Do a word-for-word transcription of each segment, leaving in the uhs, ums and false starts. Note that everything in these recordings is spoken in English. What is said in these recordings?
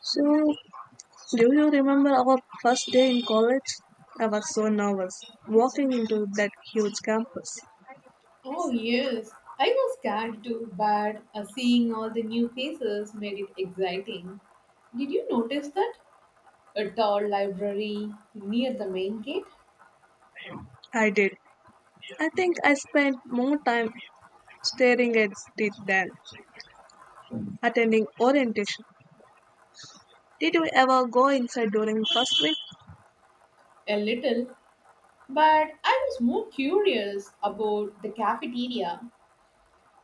So, do you remember our first day in college? I was so nervous walking into that huge campus. Oh, yes. I was scared too, but uh, seeing all the new faces made it exciting. Did you notice that? A tall library near the main gate? I did. I think I spent more time staring at it than attending orientation. Did you ever go inside during first week? A little, but I was more curious about the cafeteria.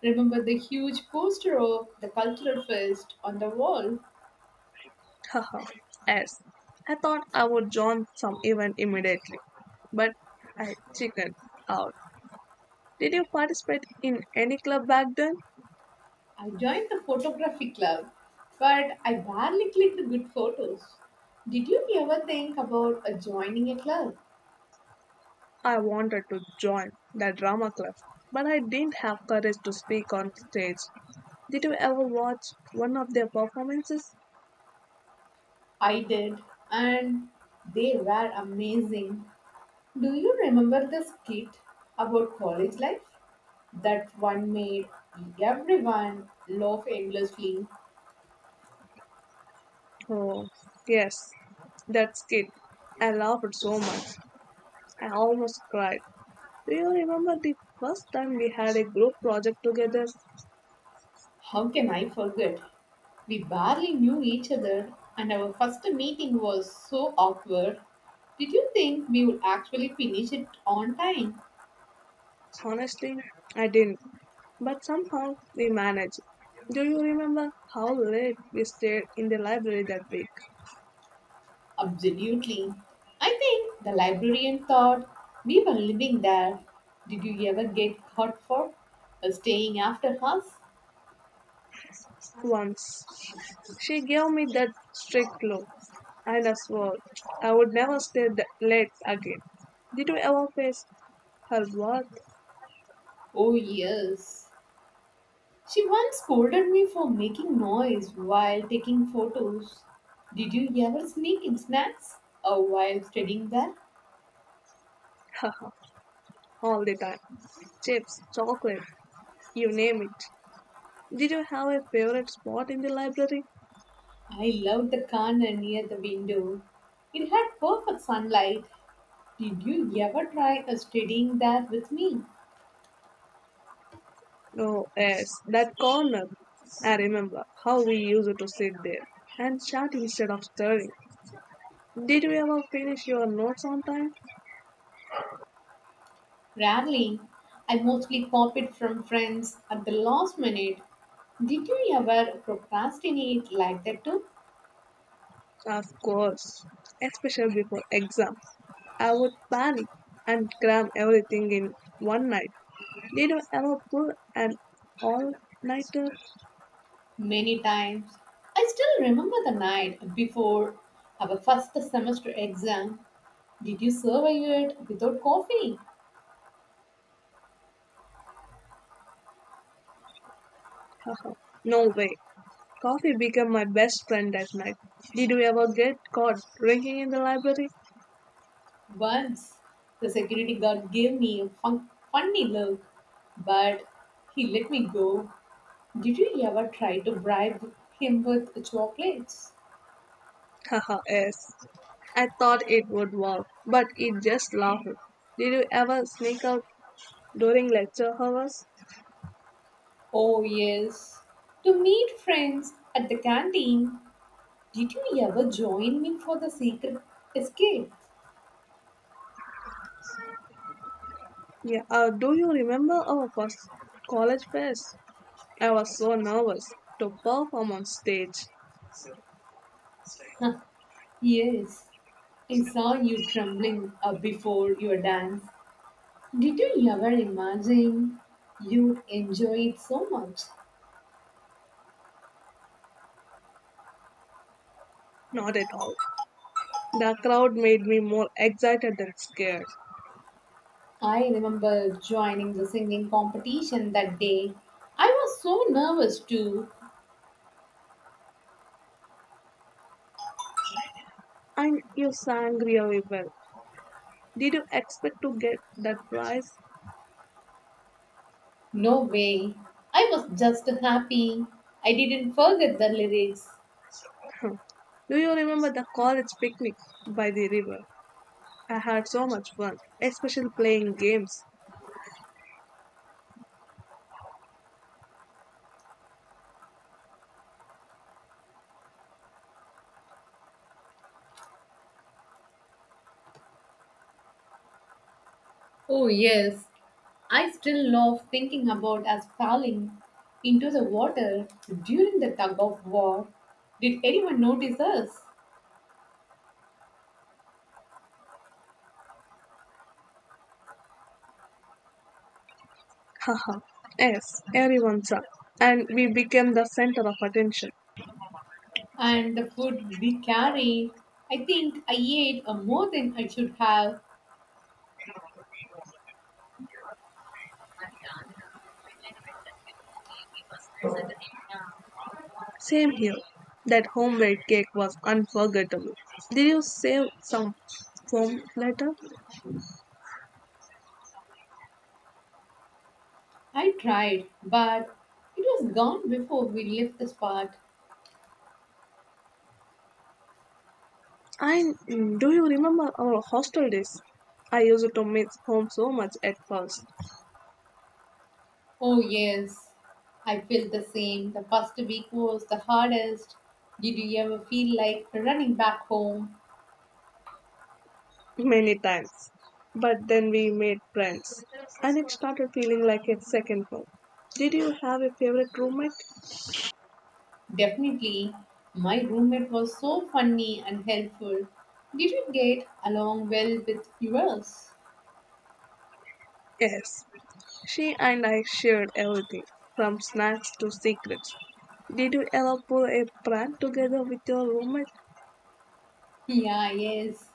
Remember the huge poster of the cultural fest on the wall? Haha, yes. I thought I would join some event immediately, but I chickened out. Did you participate in any club back then? I joined the photography club, but I barely clicked good photos. Did you ever think about uh, joining a club? I wanted to join the drama club, but I didn't have courage to speak on stage. Did you ever watch one of their performances? I did, and they were amazing. Do you remember the skit about college life? That one made everyone laugh endlessly. Oh, yes, that skit. I laughed so much. I almost cried. Do you remember the first time we had a group project together? How can I forget? We barely knew each other, and our first meeting was so awkward. Did you think we would actually finish it on time? Honestly, I didn't. But somehow we managed. Do you remember how late we stayed in the library that week? Absolutely. I think the librarian thought we were living there. Did you ever get hurt for uh, staying after us? Once she gave me that strict look, and I swore I would never stay th- late again. Did you ever face her worth? Oh, yes. She once scolded me for making noise while taking photos. Did you ever sneak in snacks uh, while studying there? Haha, all the time. Chips, chocolate, you name it. Did you have a favorite spot in the library? I loved the corner near the window. It had perfect sunlight. Did you ever try uh, studying there with me? No, yes, that corner. I remember how we used to sit there and chat instead of stirring. Did you ever finish your notes on time? Rarely, I mostly copied from friends at the last minute. Did you ever procrastinate like that too? Of course, especially before exams. I would panic and cram everything in one night. Did you ever pull an all-nighter? Many times. I still remember the night before our first semester exam. Did you survive it without coffee? Haha, no way. Coffee became my best friend that night. Did you ever get caught drinking in the library? Once, the security guard gave me a fun- funny look, but he let me go. Did you ever try to bribe him with chocolates? Haha, yes. I thought it would work, but it just laughed. Did you ever sneak out during lecture hours? Oh, yes. To meet friends at the canteen. Did you ever join me for the secret escape? Yeah. Uh, do you remember our first college fest? I was so nervous to perform on stage. Huh, yes. I saw you trembling uh, before your dance. Did you ever imagine you'd enjoy it so much? Not at all. The crowd made me more excited than scared. I remember joining the singing competition that day. I was so nervous too. And you sang really well. Did you expect to get that prize? No way. I was just happy. I didn't forget the lyrics. Do you remember the college picnic by the river? I had so much fun, especially playing games. Oh, yes. I still love thinking about us falling into the water during the tug of war. Did anyone notice us? Haha, yes, everyone sang. And we became the center of attention. And the food we carried. I think I ate uh, more than I should have. Same here. That homemade cake was unforgettable. Did you save some foam later? I tried, but it was gone before we left the spot. I mm, do you remember our hostel days? I used to miss home so much at first, Oh, yes, I feel the same. The first week was the hardest. Did you ever feel like running back home? many times. But then we made friends, and it started feeling like a second home. Did you have a favorite roommate? Definitely. My roommate was so funny and helpful. Did you get along well with yours? Yes. She and I shared everything, from snacks to secrets. Did you ever pull a prank together with your roommate? Yeah, yes.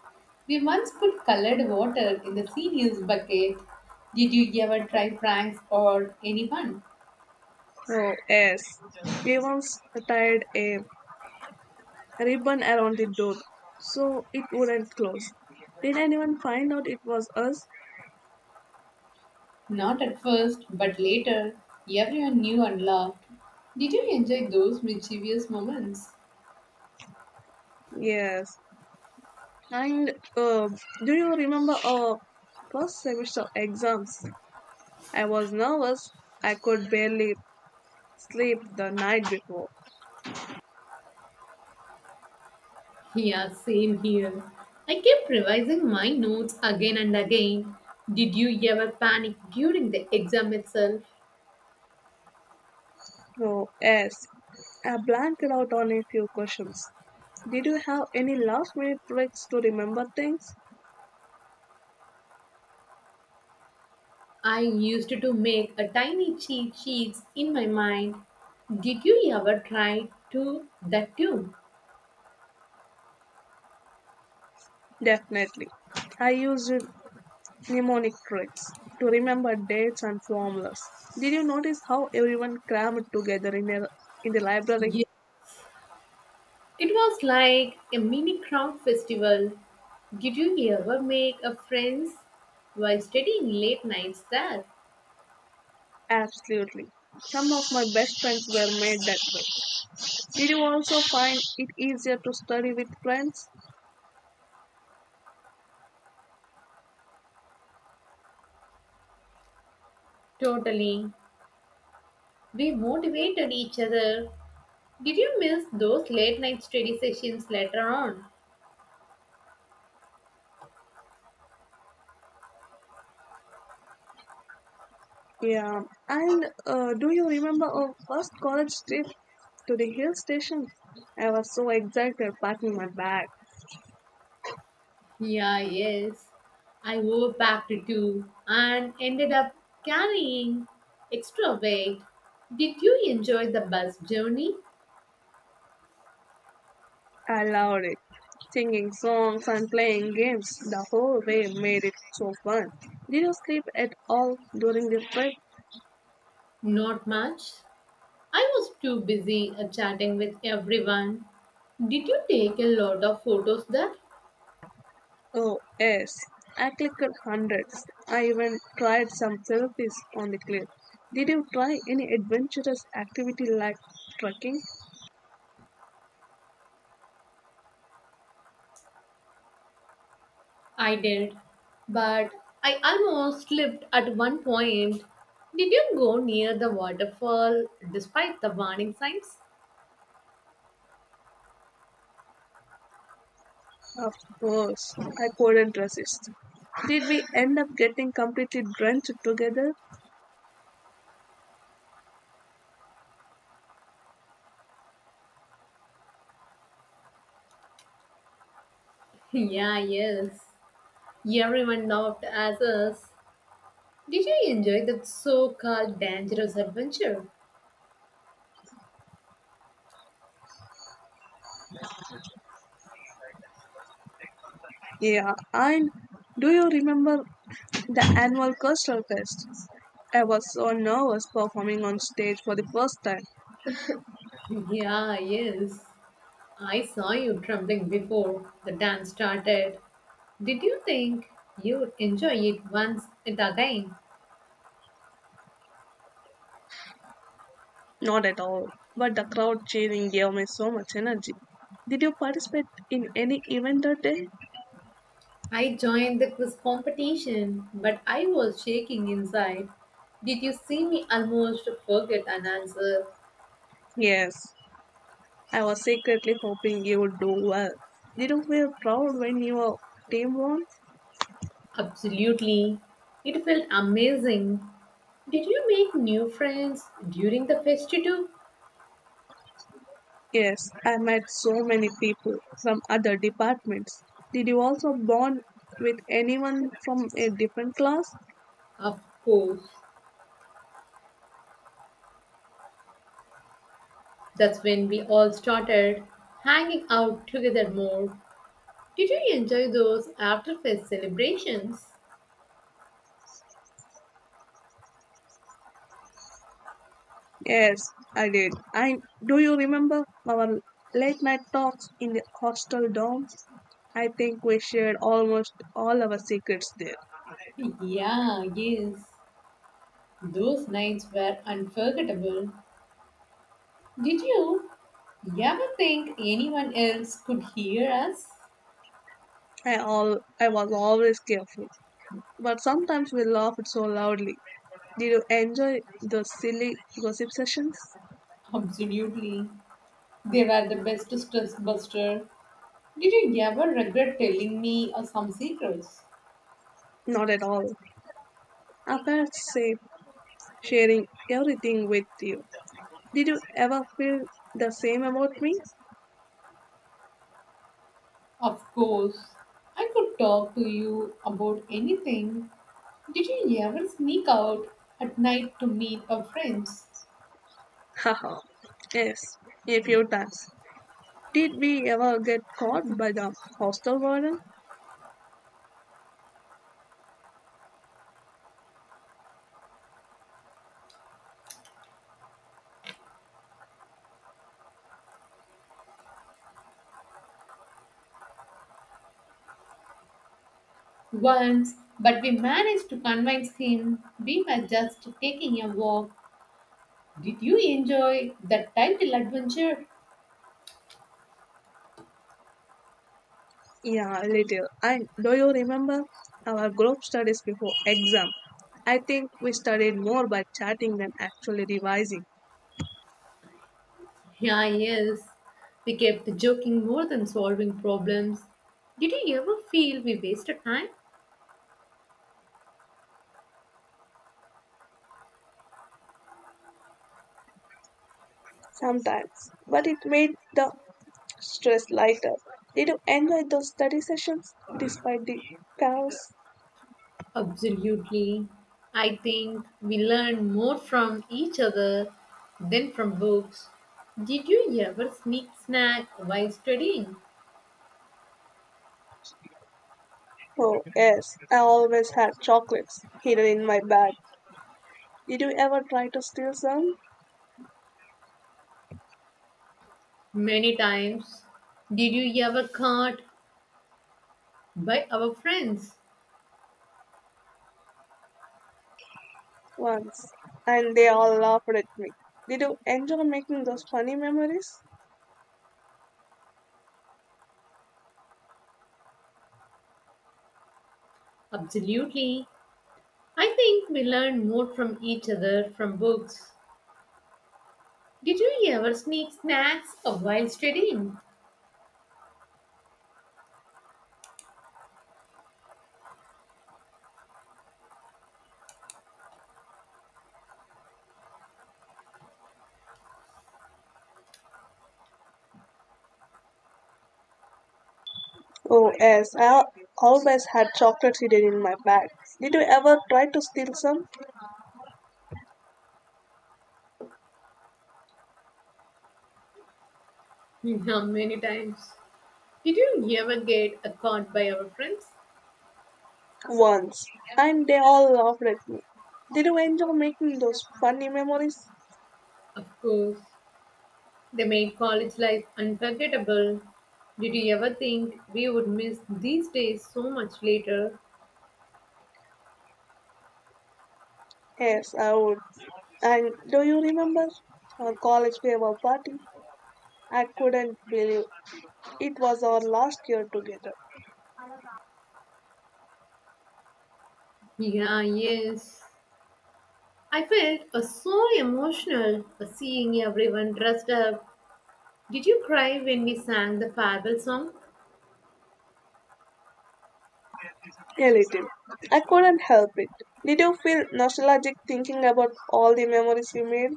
We once put colored water in the seniors bucket. Did you ever try pranks or anyone? Oh, yes. We once tied a ribbon around the door so it wouldn't close. Did anyone find out it was us? Not at first, but later, everyone knew and laughed. Did you enjoy those mischievous moments? Yes. And uh, do you remember our first semester exams? I was nervous. I could barely sleep the night before. Yeah, same here. I kept revising my notes again and again. Did you ever panic during the exam itself? Oh, yes. I blanked out on a few questions. Did you have any last minute tricks to remember things? I used to make a tiny cheat sheets in my mind. Did you ever try to that too? Definitely. I used mnemonic tricks to remember dates and formulas. Did you notice how everyone crammed together in, a, in the library? Yes. It was like a mini crowd festival. Did you ever make a friends while studying late nights there? Absolutely. Some of my best friends were made that way. Did you also find it easier to study with friends? Totally. We motivated each other. Did you miss those late night study sessions later on? Yeah. And uh, do you remember our first college trip to the hill station? I was so excited packing my bag. Yeah, yes. I overpacked too and ended up carrying extra weight. Did you enjoy the bus journey? I loved it. Singing songs and playing games the whole way made it so fun. Did you sleep at all during the trip? Not much. I was too busy uh, chatting with everyone. Did you take a lot of photos there? Oh, yes. I clicked hundreds. I even tried some selfies on the cliff. Did you try any adventurous activity like trekking? I did, but I almost slipped at one point. Did you go near the waterfall despite the warning signs? Of course, I couldn't resist. Did we end up getting completely drenched together? Yeah, yes. Everyone laughed at us. Did you enjoy that so called dangerous adventure? Yeah, and do you remember the annual Coastal Fest? I was so nervous performing on stage for the first time. Yeah, yes. I saw you trembling before the dance started. Did you think you would enjoy it once and again? Not at all, but the crowd cheering gave me so much energy. Did you participate in any event that day? I joined the quiz competition, but I was shaking inside. Did you see me almost forget an answer? Yes, I was secretly hoping you would do well. Did you feel proud when your team won? Absolutely. It felt amazing. Did you make new friends during the festival? Yes, I met so many people from other departments. Did you also bond with anyone from a different class? Of course. That's when we all started hanging out together more. Did you enjoy those after fest celebrations? Yes, I did. I do you remember our late night talks in the hostel dorm? I think we shared almost all our secrets there. Yeah, yes. Those nights were unforgettable. Did you you ever think anyone else could hear us? I all I was always careful, but sometimes we laughed so loudly. Did you enjoy the silly gossip sessions? Absolutely. They were the best stress buster. Did you ever regret telling me uh, some secrets? Not at all. Our parents say sharing everything with you. Did you ever feel the same about me? Of course, I could talk to you about anything. Did you ever sneak out at night to meet a friend? Haha, yes, a few times. Did we ever get caught by the hostel warden? Once, but we managed to convince him we were just taking a walk. Did you enjoy that title adventure? Yeah, a little. And do you remember our group studies before exam? I think we studied more by chatting than actually revising. Yeah, yes. We kept joking more than solving problems. Did you ever feel we wasted time? Sometimes, but it made the stress lighter. Did you enjoy those study sessions despite the chaos? Absolutely. I think we learn more from each other than from books. Did you ever sneak snack while studying? Oh, yes, I always had chocolates hidden in my bag. Did you ever try to steal some? Many times. Did you ever caught by our friends? Once, and they all laughed at me. Did you enjoy making those funny memories? Absolutely. I think we learn more from each other from books. Did you ever sneak snacks while studying? Oh, yes, I al- always had chocolates hidden in my bag. Did you ever try to steal some? Yeah, many times. Did you ever get a caught by our friends? Once, and they all laughed at me. Did you enjoy making those funny memories? Of course. They made college life unforgettable. Did you ever think we would miss these days so much later? Yes, I would. And do you remember our college farewell party? I couldn't believe it was our last year together. Yeah, yes. I felt uh, so emotional uh, seeing everyone dressed up. Did you cry when we sang the farewell song? A little. I couldn't help it. Did you feel nostalgic thinking about all the memories we made?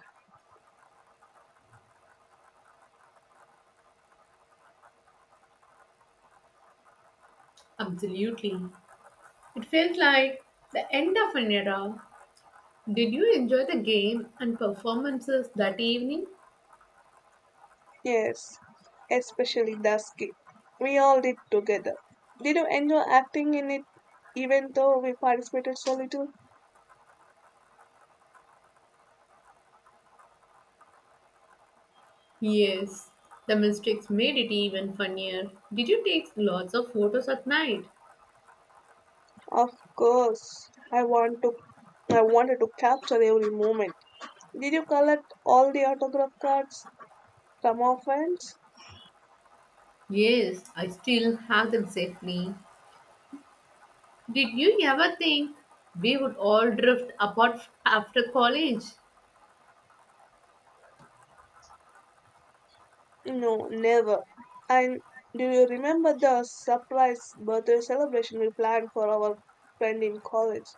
Absolutely. It felt like the end of an era. Did you enjoy the game and performances that evening? Yes, especially the ski. We all did together. Did you enjoy acting in it even though we participated so little? Yes. The mistakes made it even funnier. Did you take lots of photos at night? Of course. I want to I wanted to capture every moment. Did you collect all the autograph cards from our friends? Yes, I still have them safely. Did you ever think we would all drift apart f- after college? No, never. And do you remember the surprise birthday celebration we planned for our friend in college?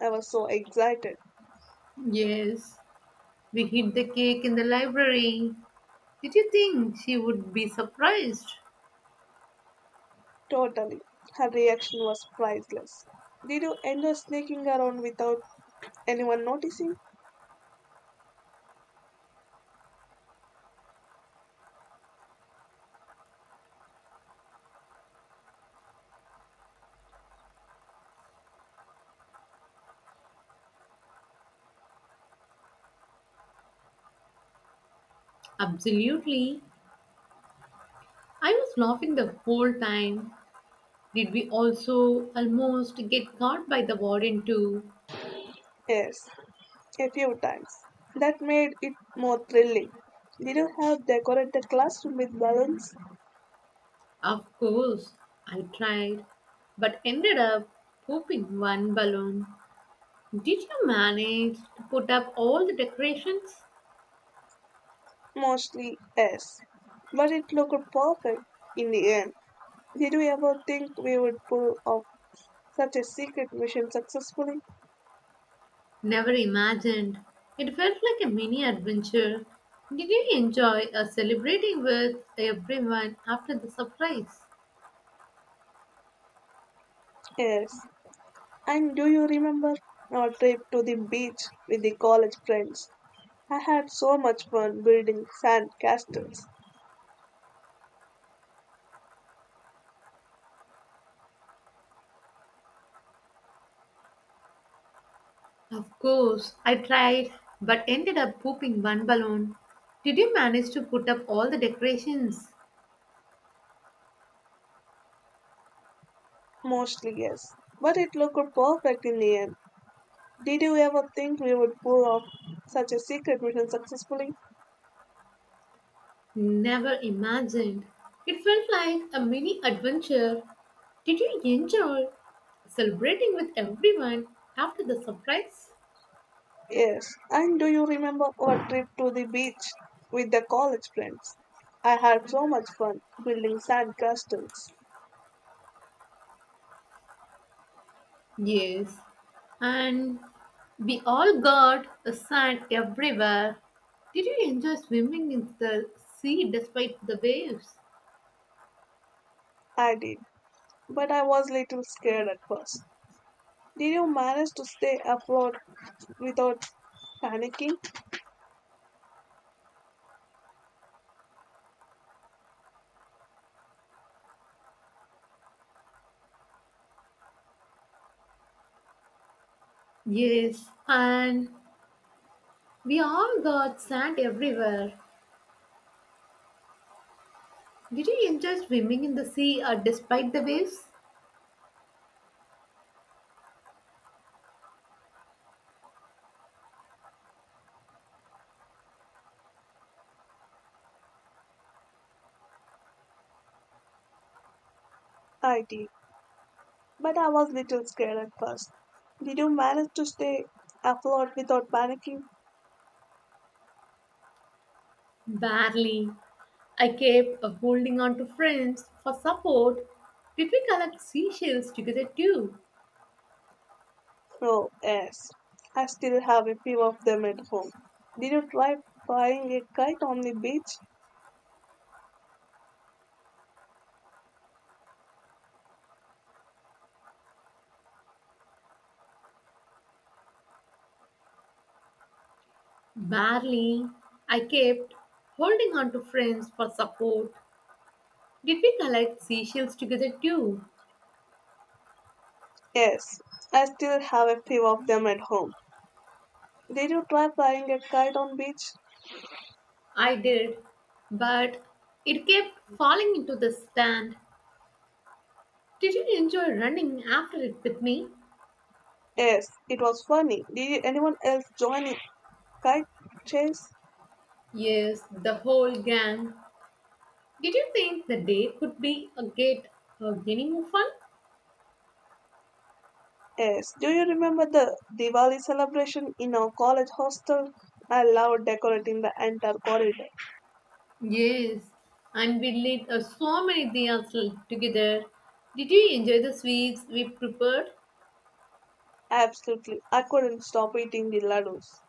I was so excited. Yes, we hid the cake in the library. Did you think she would be surprised? Totally. Her reaction was priceless. Did you enjoy sneaking around without anyone noticing? Absolutely. I was laughing the whole time. Did we also almost get caught by the warden too? Yes, a few times. That made it more thrilling. Did you have decorated the classroom with balloons? Of course, I tried, but ended up pooping one balloon. Did you manage to put up all the decorations? Mostly, yes. But it looked perfect in the end. Did we ever think we would pull off such a secret mission successfully? Never imagined. It felt like a mini adventure. Did you enjoy uh, celebrating with everyone after the surprise? Yes. And do you remember our trip to the beach with the college friends? I had so much fun building sand castles. Of course, I tried but ended up pooping one balloon. Did you manage to put up all the decorations? Mostly, yes. But it looked perfect in the end. Did you ever think we would pull off such a secret mission successfully? Never imagined. It felt like a mini adventure. Did you enjoy celebrating with everyone after the surprise? Yes. And do you remember our trip to the beach with the college friends? I had so much fun building sand castles. Yes, and we all got a sand everywhere. Did you enjoy swimming in the sea despite the waves? I did, but I was little scared at first. Did you manage to stay afloat without panicking? Yes, and we all got sand everywhere. Did you enjoy swimming in the sea uh, despite the waves? I did, but I was little scared at first. Did you manage to stay afloat without panicking? Barely. I kept uh, holding on to friends for support. Did we collect seashells together too? Oh, yes. I still have a few of them at home. Did you try flying a kite on the beach? Barely. I kept holding on to friends for support. Did we collect seashells together too? Yes, I still have a few of them at home. Did you try flying a kite on beach? I did, but it kept falling into the sand. Did you enjoy running after it with me? Yes, it was funny. Did anyone else join in kite chase? Yes, the whole gang. Did you think the day could be a get a any more fun? Yes, do you remember the Diwali celebration in our college hostel? I loved decorating the entire corridor. Yes, and we lit uh, so many diyas together. Did you enjoy the sweets we prepared? Absolutely, I couldn't stop eating the laddus.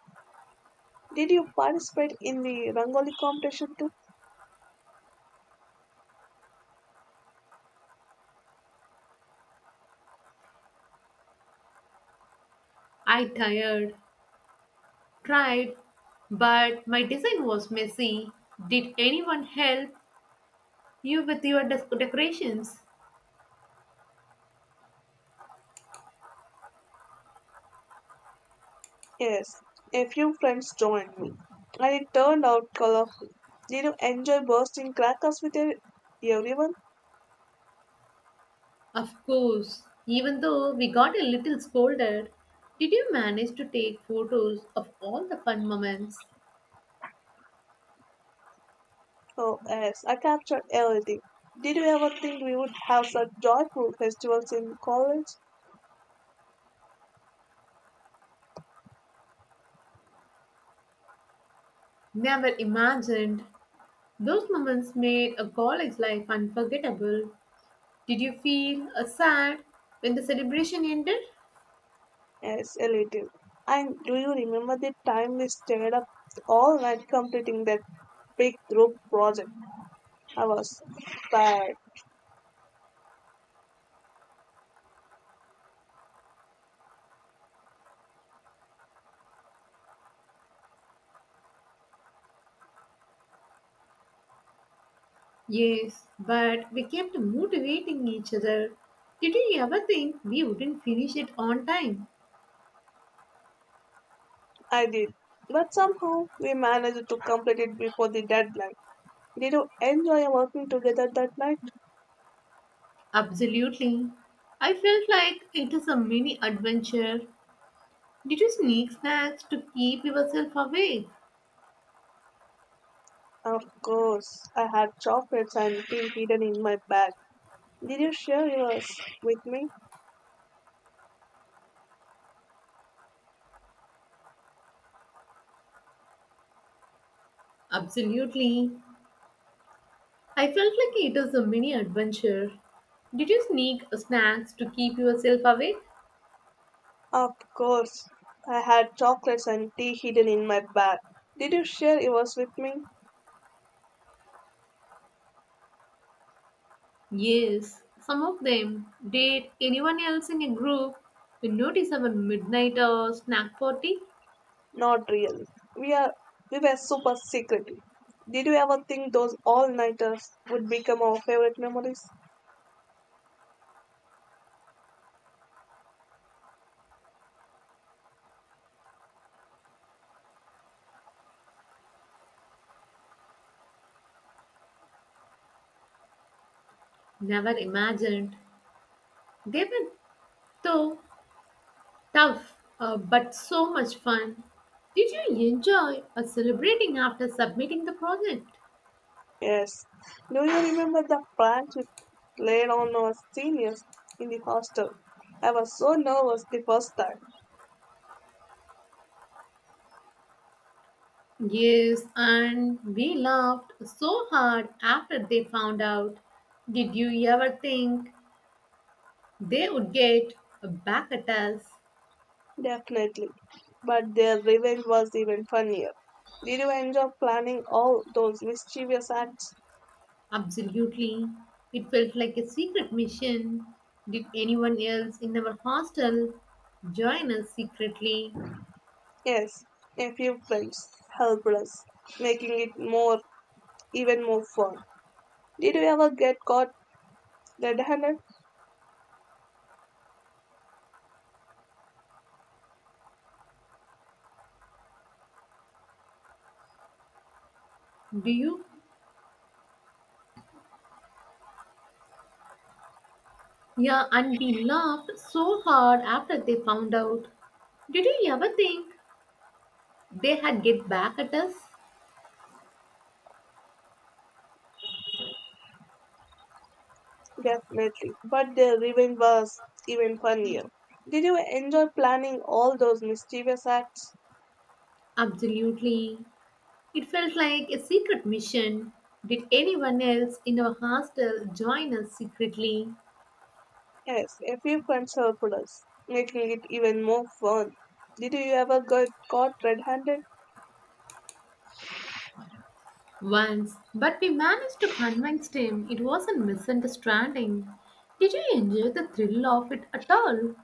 Did you participate in the Rangoli competition too? I tired, tried, but my design was messy. Did anyone help? You with your dec- decorations? Yes, a few friends joined me, and it turned out colorful. Did you enjoy bursting crackers with e- everyone? Of course. Even though we got a little scolded, did you manage to take photos of all the fun moments? Oh, yes, I captured everything. Did you ever think we would have such joyful festivals in college? Never imagined. Those moments made a college life unforgettable. Did you feel uh, sad when the celebration ended? Yes, a little. And do you remember the time we stayed up all night completing that big group project? I was tired. Yes, but we kept motivating each other. Did you ever think we wouldn't finish it on time? I did. But somehow we managed to complete it before the deadline. Did you enjoy working together that night? Absolutely. I felt like it is a mini adventure. Did you sneak snacks to keep yourself awake? Of course. I had chocolates and tea hidden in my bag. Did you share yours with me? Absolutely. I felt like it was a mini adventure. Did you sneak snacks to keep yourself awake? Of course. I had chocolates and tea hidden in my bag. Did you share yours with me? Yes. Some of them. Did anyone else in your group notice our midnight uh, snack party? Not really. We are we were super secretive. Did you ever think those all-nighters would become our favorite memories? Never imagined. They were so tough, uh, but so much fun. Did you enjoy uh, celebrating after submitting the project? Yes. Do you remember the pranks we played on our seniors in the hostel? I was so nervous the first time. Yes, and we laughed so hard after they found out. Did you ever think they would get back at us? Definitely. But their revenge was even funnier. Did you enjoy planning all those mischievous acts? Absolutely. It felt like a secret mission. Did anyone else in our hostel join us secretly? Yes, a few friends helped us, making it more even more fun. Did you ever get caught the Dahana, Do you? Yeah, and we laughed so hard after they found out. Did you ever think they had get back at us? definitely. But the revenge was even funnier. Did you enjoy planning all those mischievous acts? Absolutely. It felt like a secret mission. Did anyone else in our hostel join us secretly? Yes, a few friends helped us, making it even more fun. Did you ever get caught red handed? Once, but we managed to convince him it wasn't misunderstanding. Did you enjoy the thrill of it at all?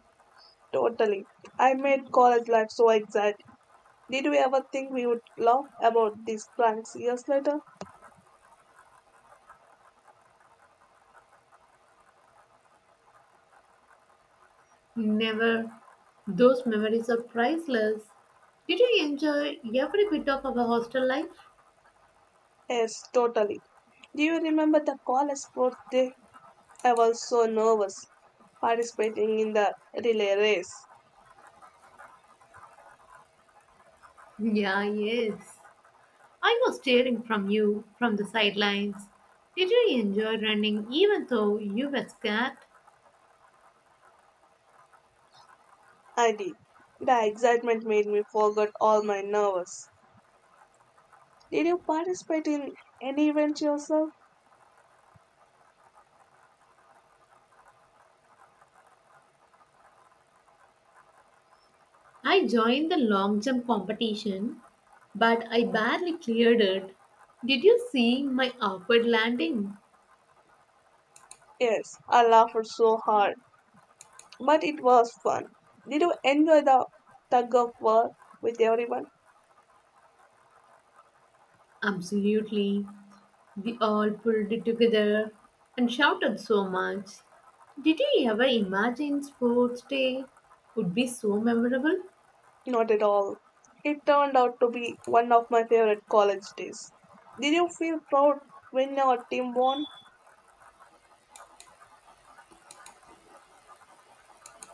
Totally. I made college life so exciting. Did we ever think we would laugh about these pranks years later? Never. Those memories are priceless. Did you enjoy every bit of our hostel life? Yes, totally. Do you remember the college sports day? I was so nervous participating in the relay race. Yeah, yes. I was staring from you from the sidelines. Did you enjoy running even though you were scared? I did. The excitement made me forget all my nerves. Did you participate in any event yourself? I joined the long jump competition, but I barely cleared it. Did you see my awkward landing? Yes, I laughed so hard, but it was fun. Did you enjoy the tug of war with everyone? Absolutely. We all pulled it together and shouted so much. Did you ever imagine sports day would be so memorable? Not at all. It turned out to be one of my favorite college days. Did you feel proud when your team won?